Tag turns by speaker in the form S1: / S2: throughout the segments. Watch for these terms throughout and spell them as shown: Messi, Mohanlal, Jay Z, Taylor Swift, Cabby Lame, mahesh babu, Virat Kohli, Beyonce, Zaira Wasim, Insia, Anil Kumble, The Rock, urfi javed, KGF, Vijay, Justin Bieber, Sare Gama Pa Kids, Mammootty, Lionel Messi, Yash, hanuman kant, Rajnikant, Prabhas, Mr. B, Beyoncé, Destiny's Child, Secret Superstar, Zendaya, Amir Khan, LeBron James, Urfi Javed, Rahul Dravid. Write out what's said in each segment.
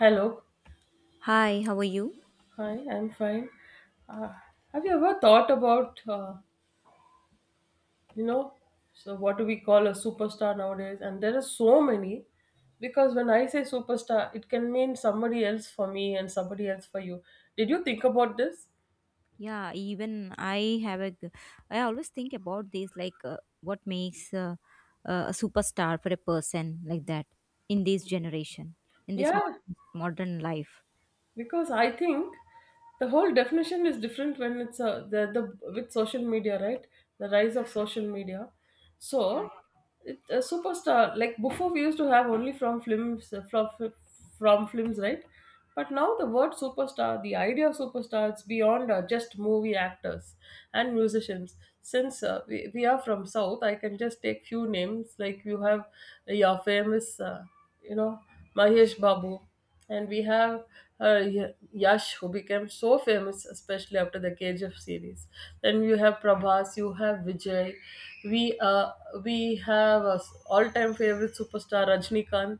S1: Hello.
S2: Hi, how are you?
S1: Hi, I'm fine. Uh, have you ever thought about, you know, so what do we call a superstar nowadays? And there are so many, because when I say superstar, it can mean somebody else for me and somebody else for you. Did you think about this?
S2: Yeah, even I have a. g- I always think about this, like what makes a superstar for a person like that in this generation, in this
S1: Yeah,
S2: modern life.
S1: because I think the whole definition is different when it's a, the with social media, right? The rise of social media.
S2: Yeah.
S1: So it, a superstar, like before we used to have only from films, from films, right? But now the word superstar, the idea of superstar, it's beyond just movie actors and musicians. Since we are from south, I can just take few names. Like you have your famous, you know Mahesh Babu, and we have Yash, who became so famous, especially after the KGF series. Then you have Prabhas, you have Vijay. We uh, we have all-time favorite superstar Rajnikant,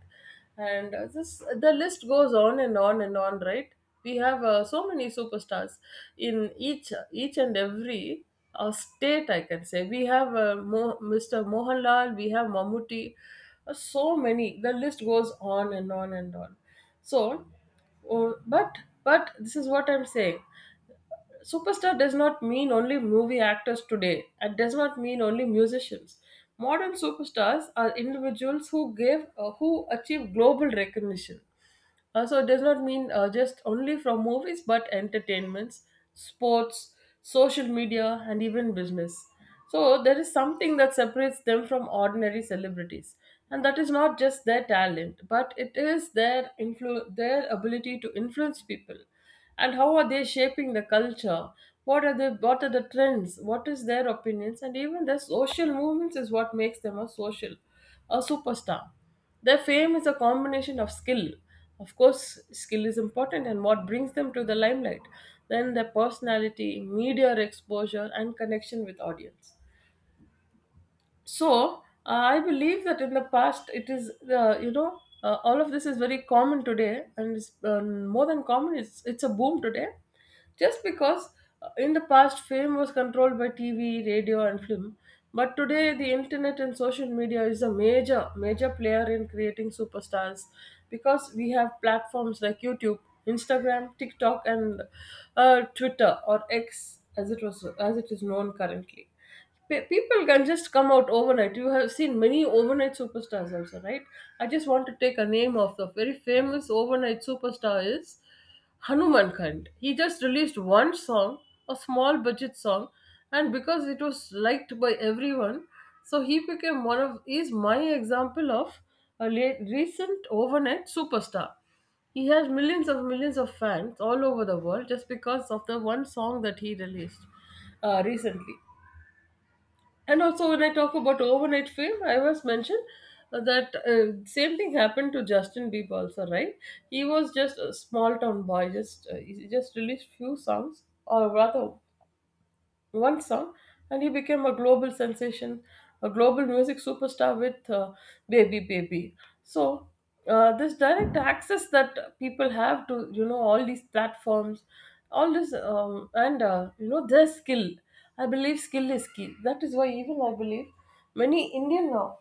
S1: and this, the list goes on and on and on. Right? We have so many superstars in each and every state. I can say we have Mr. Mohanlal, we have Mammootty, so many. The list goes on and on and on. So, uh, but but this is what I'm saying. Superstar does not mean only movie actors today. It does not mean only musicians. Modern superstars are individuals who give who achieve global recognition. So it does not mean just only from movies, but entertainments, sports, social media, and even business. So there is something that separates them from ordinary celebrities, and that is not just their talent, but it is their their ability to influence people, and how are they shaping the culture? What are the trends? What is their opinions? And even their social movements is what makes them a social, a superstar. Their fame is a combination of skill. Of course, skill is important and what brings them to the limelight. Then their personality, media exposure, and connection with audience. So I believe that in the past it is, all of this is very common today, and it's more than common, it's a boom today. Just because in the past, fame was controlled by TV, radio and film, but today the internet and social media is a major player in creating superstars, because we have platforms like YouTube, Instagram, TikTok, and Twitter, or X as it is known currently. People can just come out overnight. You have seen many overnight superstars also, right? I just want to take a name of the very famous overnight superstar is Hanuman Kant. He just released one song, a small budget song, and because it was liked by everyone, so he became one of is my example of a late, recent overnight superstar. He has millions of fans all over the world, just because of the one song that he released recently. And also, when I talk about overnight fame, I was mentioned that same thing happened to Justin Bieber also, right? He was just a small town boy, just he just released few songs, or rather one song, and he became a global sensation, a global music superstar with Baby Baby. So, this direct access that people have to, all these platforms, all this, their skill. I believe skill is key. That is why, even I believe many Indian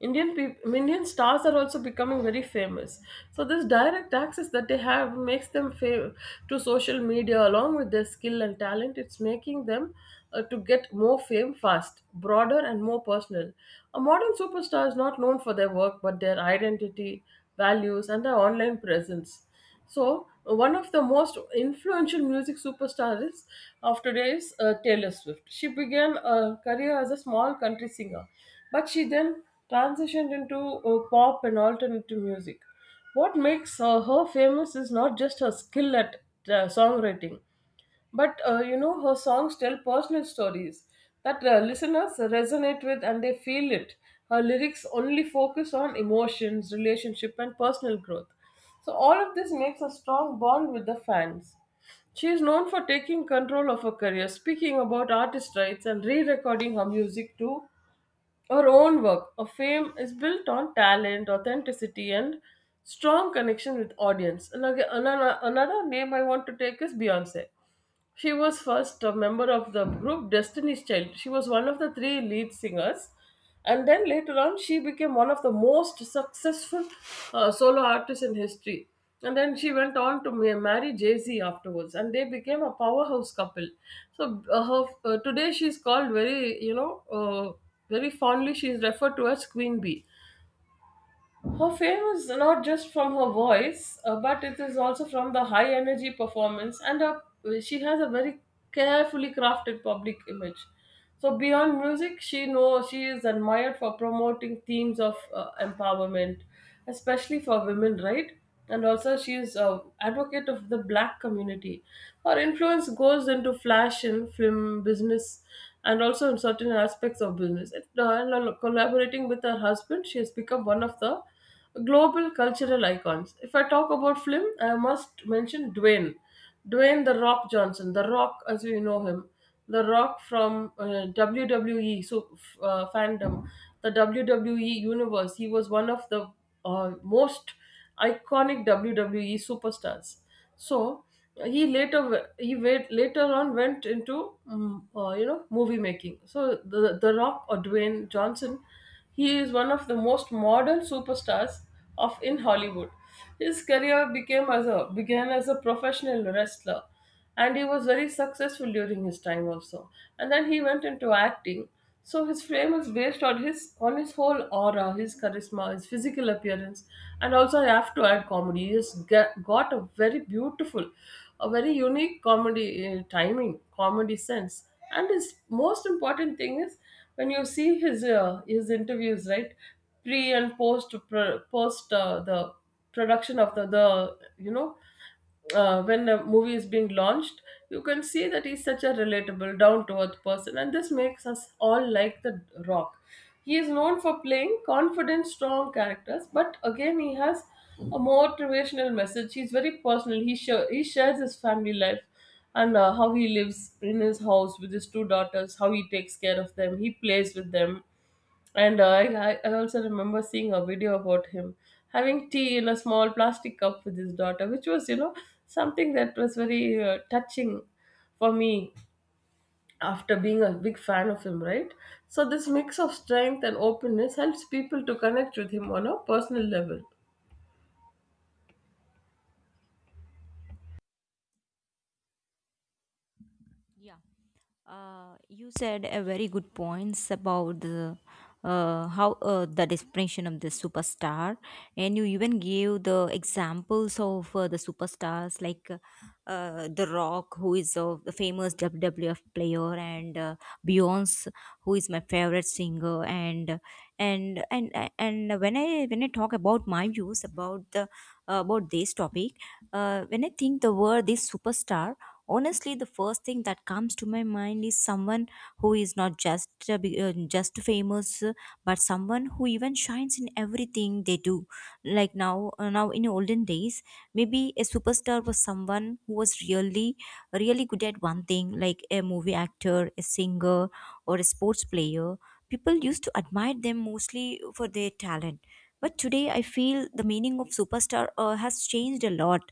S1: Indian people, Indian stars are also becoming very famous. So this direct access that they have makes to social media, along with their skill and talent. It's making them to get more fame, fast, broader and more personal. A modern superstar is not known for their work, but their identity, values, and their online presence. So, one of the most influential music superstars of today is Taylor Swift. She began a career as a small country singer, but she then transitioned into pop and alternative music. What makes her famous is not just her skill at songwriting, but her songs tell personal stories that listeners resonate with and they feel it. Her lyrics only focus on emotions, relationship, and personal growth. So, all of this makes a strong bond with the fans. She is known for taking control of her career, speaking about artist rights, and re recording her music to her own work. Her fame is built on talent, authenticity, and strong connection with audience. And another name I want to take is Beyonce. She was first a member of the group Destiny's Child. She was one of the three lead singers. And then later on, she became one of the most successful solo artists in history. And then she went on to marry Jay Z afterwards, and they became a powerhouse couple. So today she's called very, very fondly. She is referred to as Queen Bee. Her fame is not just from her voice, but it is also from the high energy performance, and she has a very carefully crafted public image. So beyond music, she knows she is admired for promoting themes of empowerment, especially for women, right? And also she is a advocate of the black community. Her influence goes into flash and film business, and also in certain aspects of business, and collaborating with her husband, she has become one of the global cultural icons. If I talk about film, I must mention Dwayne the rock Johnson, the Rock, as we know him, the Rock from WWE. Fandom, the WWE universe, he was one of the most iconic WWE superstars. So he later he wait, later on went into movie making. So the Rock, or Dwayne Johnson, he is one of the most modern superstars of, in Hollywood. His career became as a began as a professional wrestler, and he was very successful during his time also, and then he went into acting. So his fame is based on his whole aura, his charisma, his physical appearance, and also I have to add comedy. He has got a very beautiful, a very unique comedy timing, comedy sense. And his most important thing is, when you see his interviews, right? Pre and post the production of the you know when a movie is being launched, you can see that he's such a relatable, down to earth person, and this makes us all like the Rock. He is known for playing confident, strong characters, but again, he has a motivational message. He's very personal. He shares his family life and how he lives in his house with his two daughters, how he takes care of them, he plays with them. And I also remember seeing a video about him having tea in a small plastic cup with his daughter, which was, something that was very touching for me, after being a big fan of him, right? So, this mix of strength and openness helps people to connect with him on a personal level.
S2: Yeah. You said a very good points about the how the definition of the superstar, and you even gave the examples of the superstars like The Rock, who is a the famous WWF player, and Beyonce, who is my favorite singer, and when I talk about my views about the about this topic, when I think the word this superstar, honestly the first thing that comes to my mind is someone who is not just just famous, but someone who even shines in everything they do, like now in olden days maybe a superstar was someone who was really good at one thing, like a movie actor, a singer, or a sports player. People used to admire them mostly for their talent, but today I feel the meaning of superstar has changed a lot.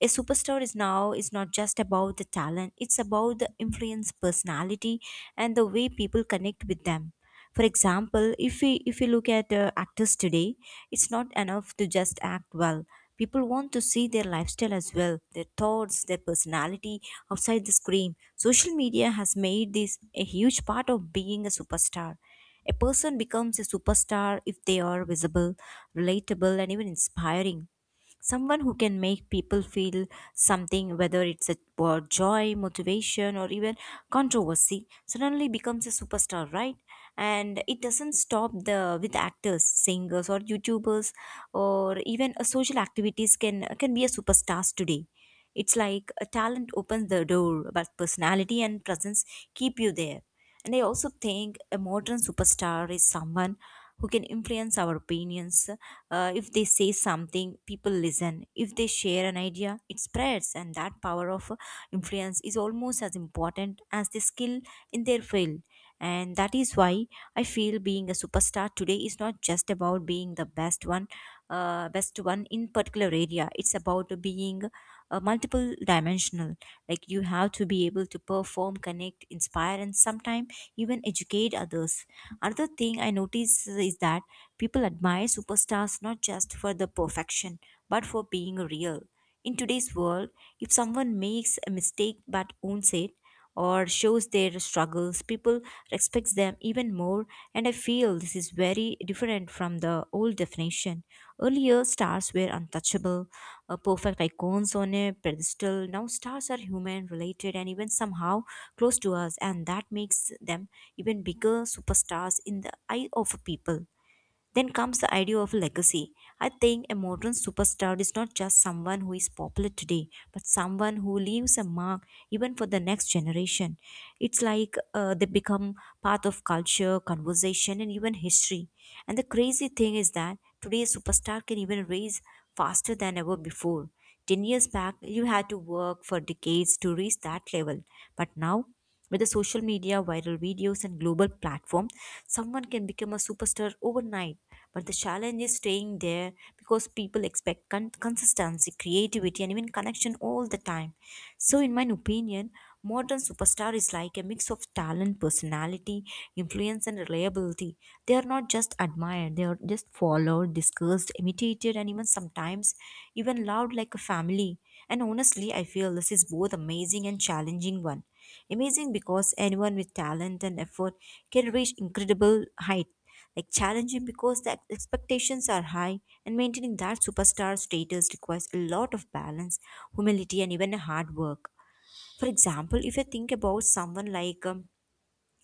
S2: A superstar is now is not just about the talent, it's about the influence, personality, and the way people connect with them. For example, if we look at actors today, it's not enough to just act well. People want to see their lifestyle as well, their thoughts, their personality outside the screen. Social media has made this a huge part of being a superstar. A person becomes a superstar if they are visible, relatable, and even inspiring. Someone who can make people feel something, whether it's a, or joy, motivation, or even controversy, suddenly becomes a superstar, right? And it doesn't stop the with actors, singers, or youtubers, or even social activities can be a superstars today. It's like a talent opens the door, but personality and presence keep you there. And I also think a modern superstar is someone who can influence our opinions. If they say something, people listen. If they share an idea, it spreads. And that power of influence is almost as important as the skill in their field. And that is why I feel being a superstar today is not just about being the best one in particular area. It's about being multiple dimensional. Like you have to be able to perform, connect, inspire, and sometimes even educate others. Another thing I notice is that people admire superstars not just for the perfection, but for being real. In today's world, if someone makes a mistake but owns it, or shows their struggles, people respect them even more. And I feel this is very different from the old definition. Earlier stars were untouchable, perfect icons on a pedestal. Now stars are human, related, and even somehow close to us, and that makes them even bigger superstars in the eye of people. Then comes the idea of legacy. I think a modern superstar is not just someone who is popular today, but someone who leaves a mark even for the next generation. It's like they become part of culture, conversation, and even history. And the crazy thing is that today a superstar can even raise faster than ever before. 10 years back, you had to work for decades to reach that level, but now with the social media, viral videos, and global platform, someone can become a superstar overnight. But the challenge is staying there because people expect consistency, creativity, and even connection all the time. So, in my opinion, modern superstar is like a mix of talent, personality, influence, and reliability. They are not just admired; they are just followed, discussed, imitated, and even sometimes even loved like a family. And honestly, I feel this is both amazing and challenging one. Amazing because anyone with talent and effort can reach incredible height. Like challenging because the expectations are high and maintaining that superstar status requires a lot of balance, humility, and even hard work. For example, if you think about someone like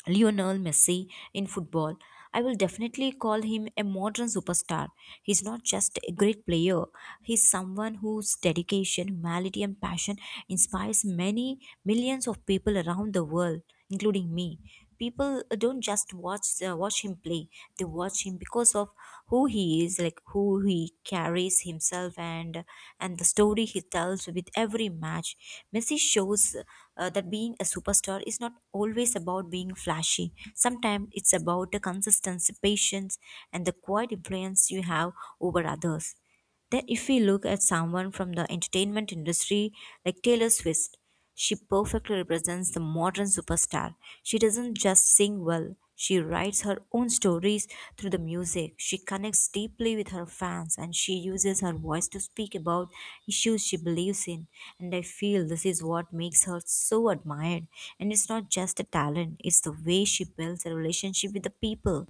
S2: Lionel Messi in football, I will definitely call him a modern superstar. He's not just a great player, he's someone whose dedication, humanity, and passion inspires many millions of people around the world, including me. People don't just watch him play; they watch him because of who he is, like who he carries himself and the story he tells with every match. Messi shows that being a superstar is not always about being flashy. Sometimes it's about the consistency, patience, and the quiet influence you have over others. Then, if we look at someone from the entertainment industry like Taylor Swift, she perfectly represents the modern superstar. She doesn't just sing well, she writes her own stories through the music. She connects deeply with her fans and she uses her voice to speak about issues she believes in. And I feel this is what makes her so admired. And it's not just a talent, it's the way she builds a relationship with the people,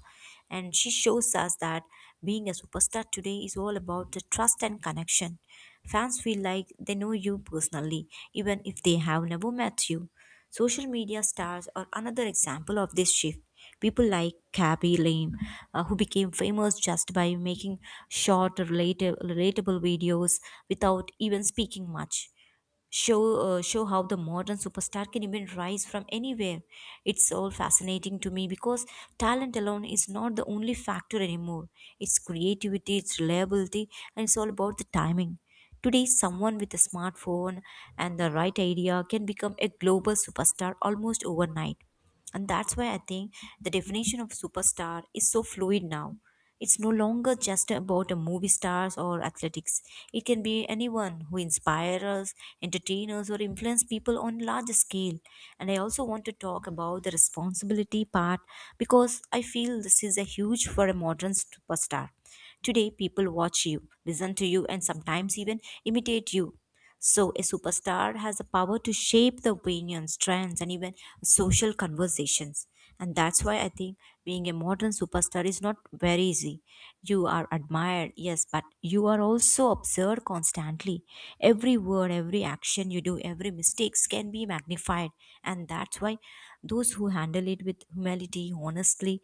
S2: and she shows us that being a superstar today is all about the trust and connection. Fans feel like they know you personally, even if they have never met you. Social media stars are another example of this shift. People like Cabby Lame, who became famous just by making short, relatable videos without even speaking much, show show how the modern superstar can even rise from anywhere. It's all fascinating to me because talent alone is not the only factor anymore. It's creativity, it's reliability, and it's all about the timing. Today someone with a smartphone and the right idea can become a global superstar almost overnight. And that's why I think the definition of superstar is so fluid now. It's no longer just about a movie stars or athletics. It can be anyone who inspires us, entertain us, or influence people on large scale. And I also want to talk about the responsibility part because I feel this is a huge for a modern superstar. Today, people watch you, listen to you, and sometimes even imitate you. So, a superstar has the power to shape the opinions, trends, and even social conversations. And that's why I think being a modern superstar is not very easy. You are admired, yes, but you are also observed constantly. Every word, every action you do, every mistakes can be magnified. And that's why those who handle it with humility, honestly,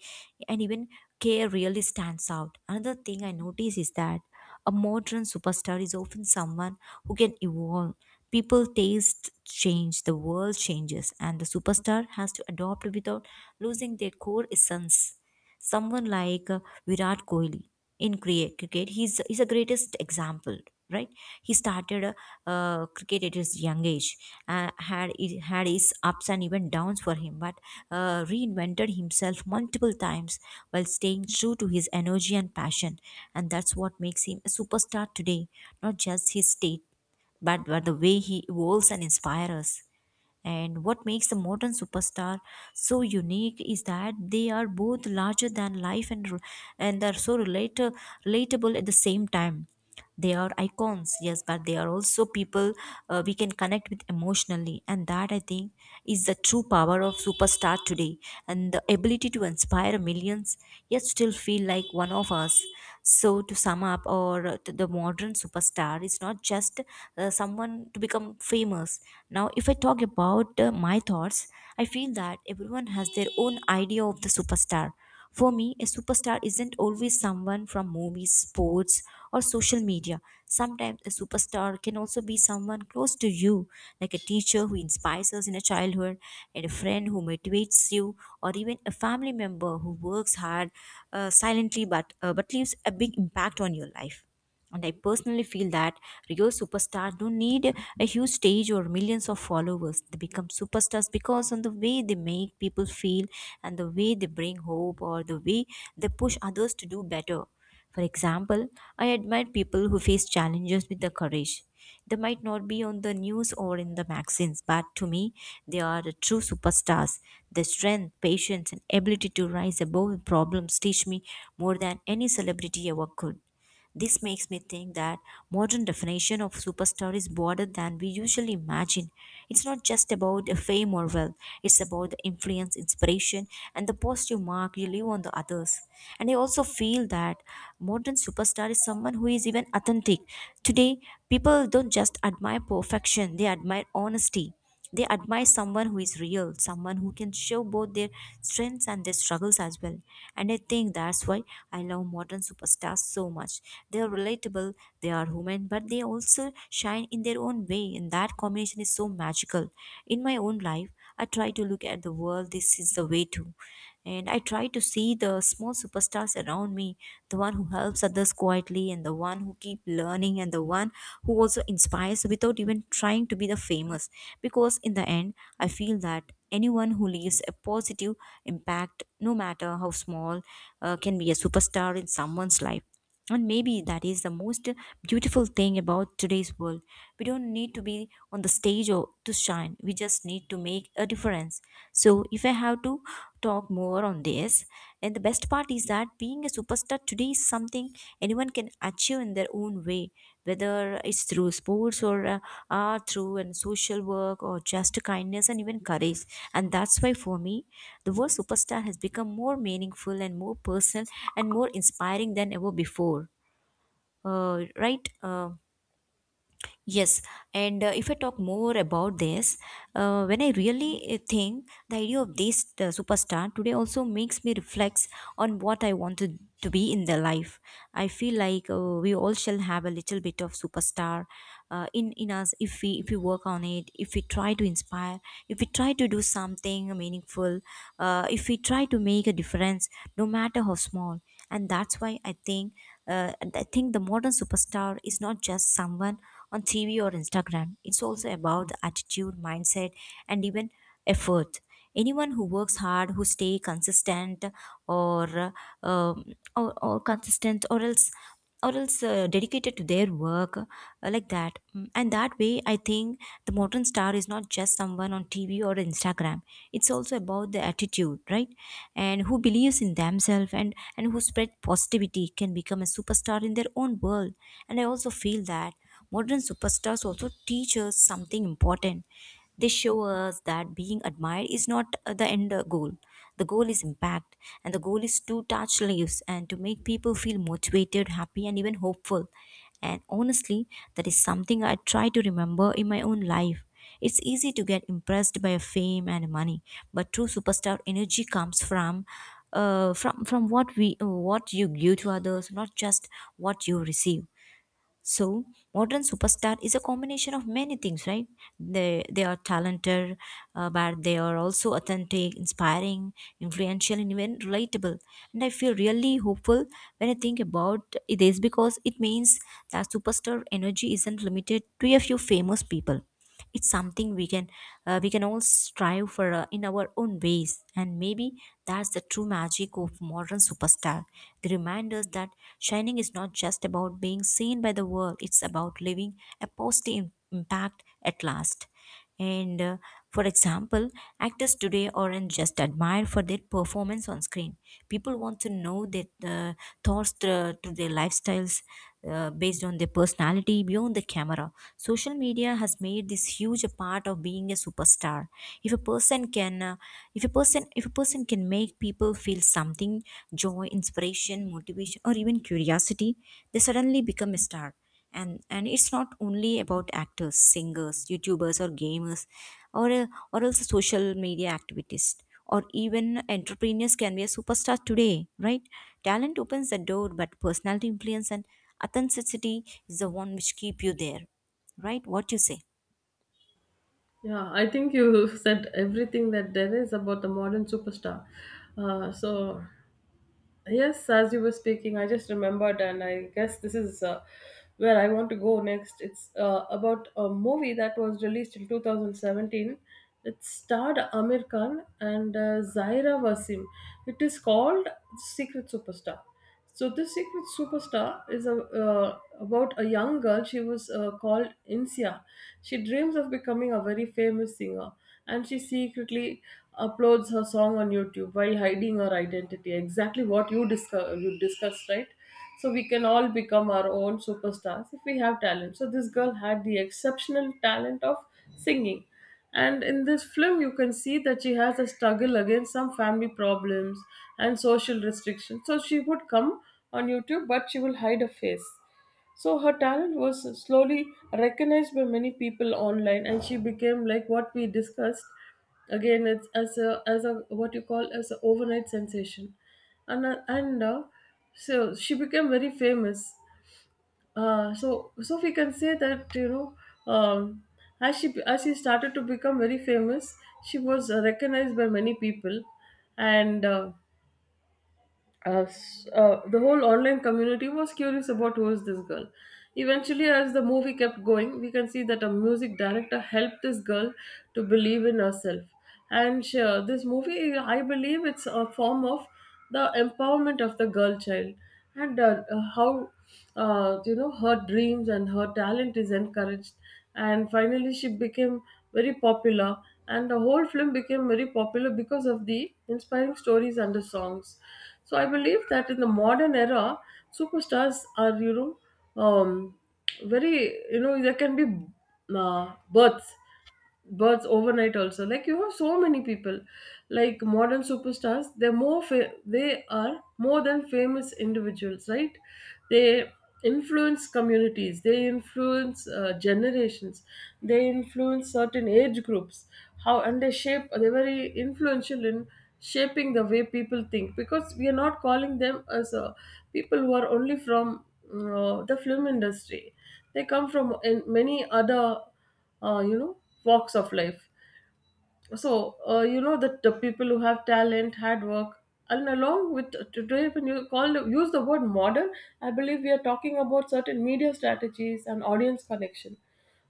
S2: and even care really stands out. Another thing I notice is that a modern superstar is often someone who can evolve. People taste change, the world changes, and the superstar has to adapt without losing their core essence. Someone like Virat Kohli in cricket, he's the greatest example, right? He started cricket at his young age, had it had his ups and even downs for him, but reinvented himself multiple times while staying true to his energy and passion, and that's what makes him a superstar today. Not just his state, but the way he evolves and inspires us. And what makes the modern superstar so unique is that they are both larger than life and are so relatable at the same time. They are icons, yes, but they are also people we can connect with emotionally, and that I think is the true power of superstar today, and the ability to inspire millions yet still feel like one of us. So to sum up, or the modern superstar is not just someone to become famous. Now, if I talk about my thoughts, I feel that everyone has their own idea of the superstar. For me, a superstar isn't always someone from movies, sports, or social media. Sometimes a superstar can also be someone close to you, like a teacher who inspires us in a childhood, and a friend who motivates you, or even a family member who works hard silently but leaves a big impact on your life. And I personally feel that real superstars don't need a huge stage or millions of followers. They become superstars because on the way they make people feel, and the way they bring hope, or the way they push others to do better. For example, I admire people who face challenges with the courage. They might not be on the news or in the magazines, but to me, they are the true superstars. Their strength, patience, and ability to rise above problems teach me more than any celebrity ever could. This makes me think that modern definition of superstar is broader than we usually imagine. It's not just about the fame or wealth, it's about the influence, inspiration, and the positive mark you leave on the others. And I also feel that modern superstar is someone who is even authentic. Today, people don't just admire perfection, they admire honesty. They admire someone who is real, someone who can show both their strengths and their struggles as well. And I think that's why I love modern superstars so much. They are relatable, they are human, but they also shine in their own way, and that combination is so magical. In my own life, I try to look at the world this is the way too, and I try to see the small superstars around me, the one who helps others quietly, and the one who keep learning, and the one who also inspires without even trying to be the famous, because in the end I feel that anyone who leaves a positive impact, no matter how small, can be a superstar in someone's life, and maybe that is the most beautiful thing about today's world. We don't need to be on the stage or to shine. We just need to make a difference. So if I have to talk more on this, and the best part is that being a superstar today is something anyone can achieve in their own way, whether it's through sports or through and social work or just kindness and even courage. And that's why, for me, the word superstar has become more meaningful and more personal and more inspiring than ever before. uh, right uh, Yes, and if I talk more about this, when I really think the idea of this superstar today also makes me reflect on what I wanted to be in their life. I feel like we all shall have a little bit of superstar in us, if we work on it, if we try to inspire, if we try to do something meaningful, if we try to make a difference, no matter how small. And that's why I think the modern superstar is not just someone on TV or Instagram. It's also about the attitude, mindset, and even effort. Anyone who works hard, who stay consistent, or or consistent, or else or else dedicated to their work, like that. And that way, I think the modern star is not just someone on TV or Instagram. It's also about the attitude, right? And who believes in themselves, and who spread positivity can become a superstar in their own world. And I also feel that modern superstars also teach us something important. They show us that being admired is not the end goal. The goal is impact, and the goal is to touch lives and to make people feel motivated, happy, and even hopeful. And honestly, that is something I try to remember in my own life. It's easy to get impressed by fame and money, but true superstar energy comes from from what we what you give to others, not just what you receive. So, modern superstar is a combination of many things, right? They are talented, but they are also authentic, inspiring, influential, and even relatable. And I feel really hopeful when I think about this, because it means that superstar energy isn't limited to a few famous people. It's something we can all strive for in our own ways, and maybe that's the true magic of modern superstar. They remind us that shining is not just about being seen by the world, it's about leaving a positive impact at last. And for example, actors today aren't just admired for their performance on screen. People want to know their thoughts to their lifestyles, based on their personality beyond the camera. Social media has made this huge a part of being a superstar. If a person can, if a person can make people feel something, joy, inspiration, motivation, or even curiosity, they suddenly become a star. And it's not only about actors, singers, youtubers, or gamers, or uh, or also social media activists, or even entrepreneurs can be a superstar today, right? Talent opens the door, but personality, influence, and authenticity is the one which keep you there. Right, what you say?
S1: Yeah, I think you said everything that there is about the modern superstar. Uh, so Yes, as you were speaking, I just remembered, and I guess this is where I want to go next. It's about a movie that was released in 2017. It starred Amir Khan and Zaira Wasim. It is called Secret Superstar. So this secret superstar is about a young girl. She was called Insia. She dreams of becoming a very famous singer, and she secretly uploads her song on YouTube while hiding her identity. Exactly what you discussed, right? So we can all become our own superstars if we have talent. So this girl had the exceptional talent of singing, and in this film, you can see that she has a struggle against some family problems and social restrictions. So she would come on YouTube, but she will hide her face. So her talent was slowly recognized by many people online, and she became like what we discussed. Again, it's as a what you call as an overnight sensation, and so she became very famous. So we can say that, um, as she started to become very famous, she was recognized by many people, and the whole online community was curious about who is this girl. Eventually, as the movie kept going, we can see that a music director helped this girl to believe in herself. And this movie, I believe, it's a form of the empowerment of the girl child and how her dreams and her talent is encouraged. And finally, she became very popular, and the whole film became very popular because of the inspiring stories and the songs. So I believe that in the modern era, superstars are very there can be uh, births births overnight also, like you have so many people. Like modern superstars, they're they are more than famous individuals, right? They influence communities, they influence generations, they influence certain age groups. How and they're very influential in shaping the way people think, because we are not calling them as people who are only from the film industry. They come from in many other uh, you know walks of life. So that the people who have talent, hard work, and along with today, when you call use the word modern, I believe we are talking about certain media strategies and audience connection,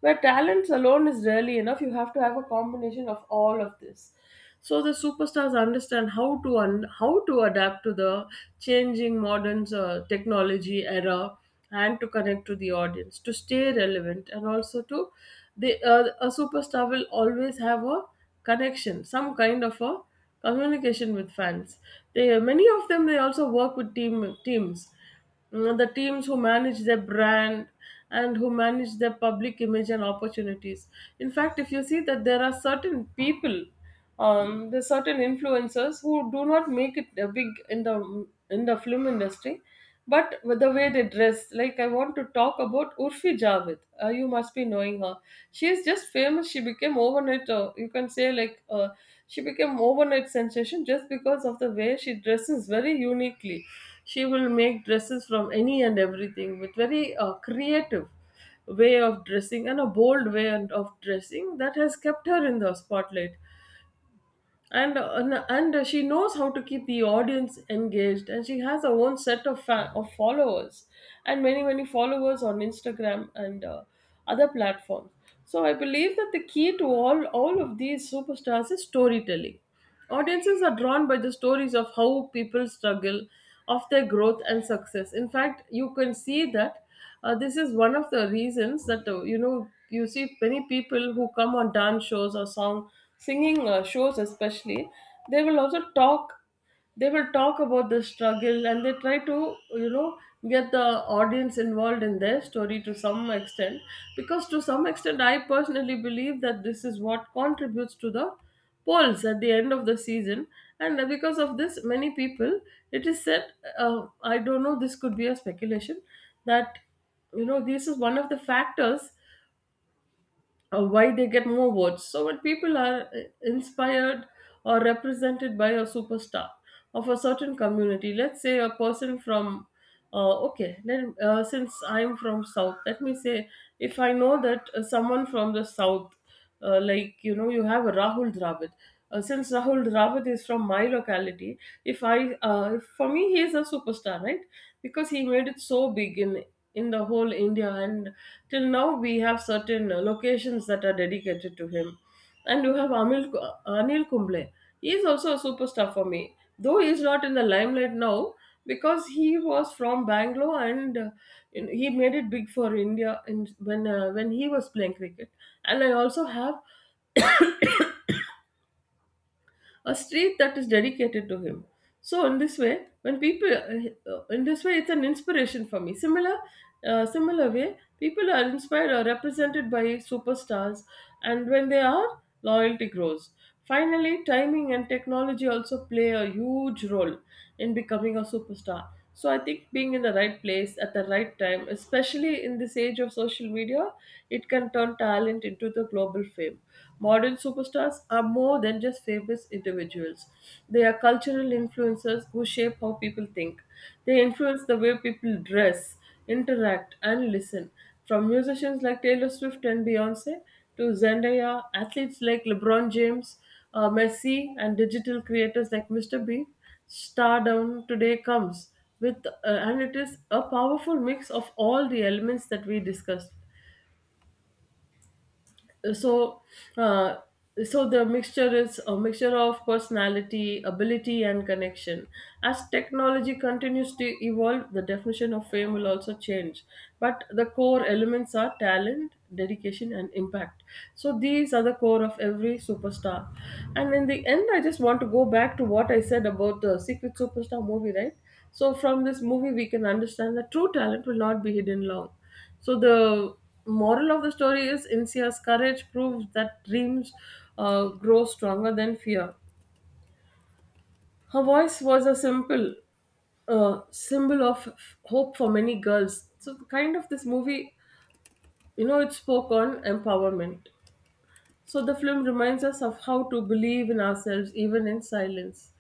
S1: where talents alone is rarely enough. You have to have a combination of all of this. So the superstars understand how to adapt to the changing modern technology era and to connect to the audience to stay relevant, and also to the a superstar will always have a connection, some kind of a communication with fans. They, many of them, they also work with teams. The teams who manage their brand and who manage their public image and opportunities. In fact, if you see that there are certain people, there's certain influencers who do not make it a big in the film industry, but with the way they dress, like I want to talk about Urfi Javed, you must be knowing her. She is just famous. She became overnight, you can say, like, she became overnight sensation just because of the way she dresses very uniquely. She will make dresses from any and everything, with very creative way of dressing and a bold way and of dressing that has kept her in the spotlight. And she knows how to keep the audience engaged, and she has her own set of followers, and many many followers on Instagram and other platforms. So I believe that the key to all of these superstars is storytelling. Audiences are drawn by the stories of how people struggle, of their growth and success. In fact, you can see that this is one of the reasons that you see many people who come on dance shows or song singing shows, especially. They will also talk, they will talk about the struggle, and they try to you know get the audience involved in their story to some extent, because to some extent I personally believe that this is what contributes to the polls at the end of the season. And because of this, many people, it is said, I don't know, this could be a speculation, that this is one of the factors why they get more votes. So when people are inspired or represented by a superstar of a certain community, let's say a person from okay, then, since I'm from South, let me say, if I know that someone from the South, like, you know, you have Rahul Dravid. Since Rahul Dravid is from my locality, if I, for me he is a superstar, right? Because he made it so big in the whole India, and till now we have certain locations that are dedicated to him. And you have Anil Kumble. He is also a superstar for me, though he is not in the limelight now, because he was from Bangalore and he made it big for India in, when he was playing cricket. And I also have a street that is dedicated to him. So in this way, when people in this way, it's an inspiration for me. Similar way, people are inspired or represented by superstars, and when they are, loyalty grows. Finally, timing and technology also play a huge role in becoming a superstar. So I think being in the right place at the right time, especially in this age of social media, it can turn talent into the global fame. Modern superstars are more than just famous individuals. They are cultural influencers who shape how people think. They influence the way people dress, interact, and listen. From musicians like Taylor Swift and Beyonce to Zendaya, athletes like LeBron James, Messi, and digital creators like Mr. B, stardom today comes with, and it is a powerful mix of all the elements that we discussed. So uh, so the mixture is a mixture of personality, ability, and connection. As technology continues to evolve, the definition of fame will also change, but the core elements are talent, dedication, and impact. So these are the core of every superstar. And in the end, I just want to go back to what I said about the Secret Superstar movie, right? So from this movie, we can understand that true talent will not be hidden long. So the moral of the story is Insia's courage proves that dreams grow stronger than fear. Her voice was a simple symbol of hope for many girls. So kind of this movie, you know, it spoke on empowerment. So the film reminds us of how to believe in ourselves even in silence.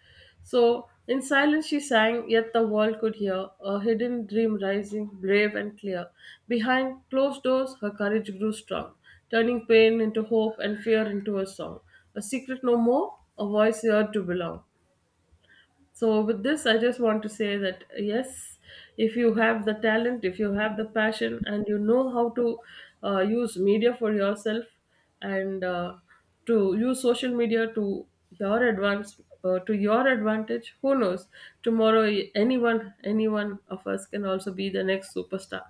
S1: So in silence she sang, yet the world could hear a hidden dream rising, brave and clear. Behind closed doors, her courage grew strong, turning pain into hope and fear into a song. A secret no more, a voice here to belong. So, with this, I just want to say that yes, if you have the talent, if you have the passion, and you know how to use media for yourself and to use social media to your advantage. Who knows, tomorrow anyone of us can also be the next superstar.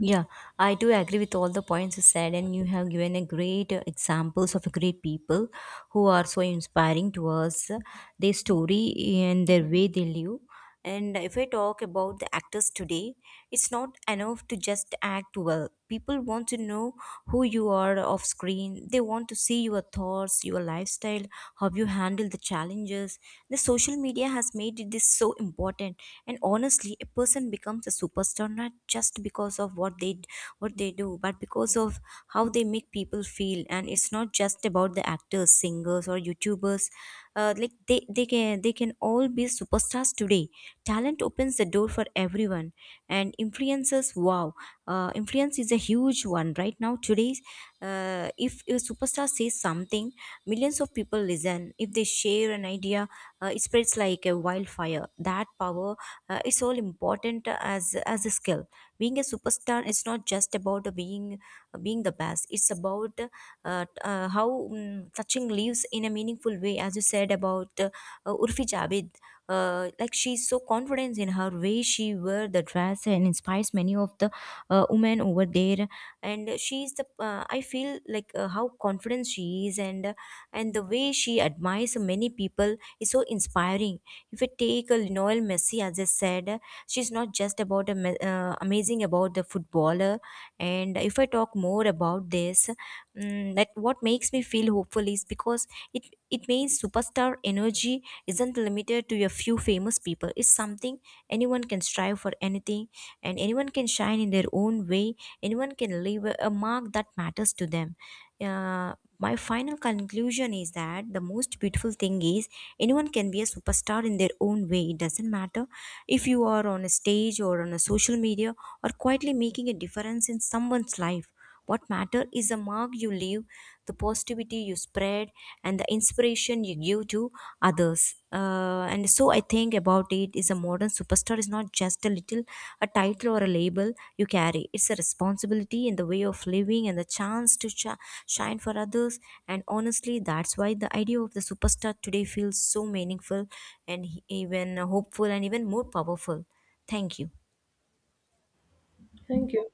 S2: Yeah, I do agree with all the points you said, and you have given a great examples of great people who are so inspiring to us, their story and their way they live. And if I talk about the actors today, it's not enough to just act well. People want to know who you are off screen, they want to see your thoughts, your lifestyle, how you handle the challenges. The social media has made it this so important. And honestly, a person becomes a superstar not just because of what they do, but because of how they make people feel. And it's not just about the actors, singers, or youtubers. Like they can all be superstars today. Talent opens the door for everyone. And influencers, wow. Influence is a huge one right now today. If a superstar says something, millions of people listen. If they share an idea, it spreads like a wildfire. That power is all important as a skill. Being a superstar is not just about being the best. It's about touching lives in a meaningful way. As you said about Urfi Javed, like she's so confident in her way she wear the dress and inspires many of the woman over there. And she's the I feel like how confident she is, and the way she admires many people is so inspiring. If I take a Lionel Messi, as I said, she's not just about a, amazing about the footballer. And if I talk more about this, Mm, that what makes me feel hopeful is because it means superstar energy isn't limited to a few famous people. It's something anyone can strive for anything, and anyone can shine in their own way. Anyone can leave a mark that matters to them. My final conclusion is that the most beautiful thing is anyone can be a superstar in their own way. It doesn't matter if you are on a stage or on a social media, or quietly making a difference in someone's life. What matter is the mark you leave, the positivity you spread, and the inspiration you give to others. And so I think about it is a modern superstar is not just a little a title or a label you carry. It's a responsibility and the way of living and the chance to shine for others. And honestly, that's why the idea of the superstar today feels so meaningful and even hopeful and even more powerful. Thank you.
S1: Thank you.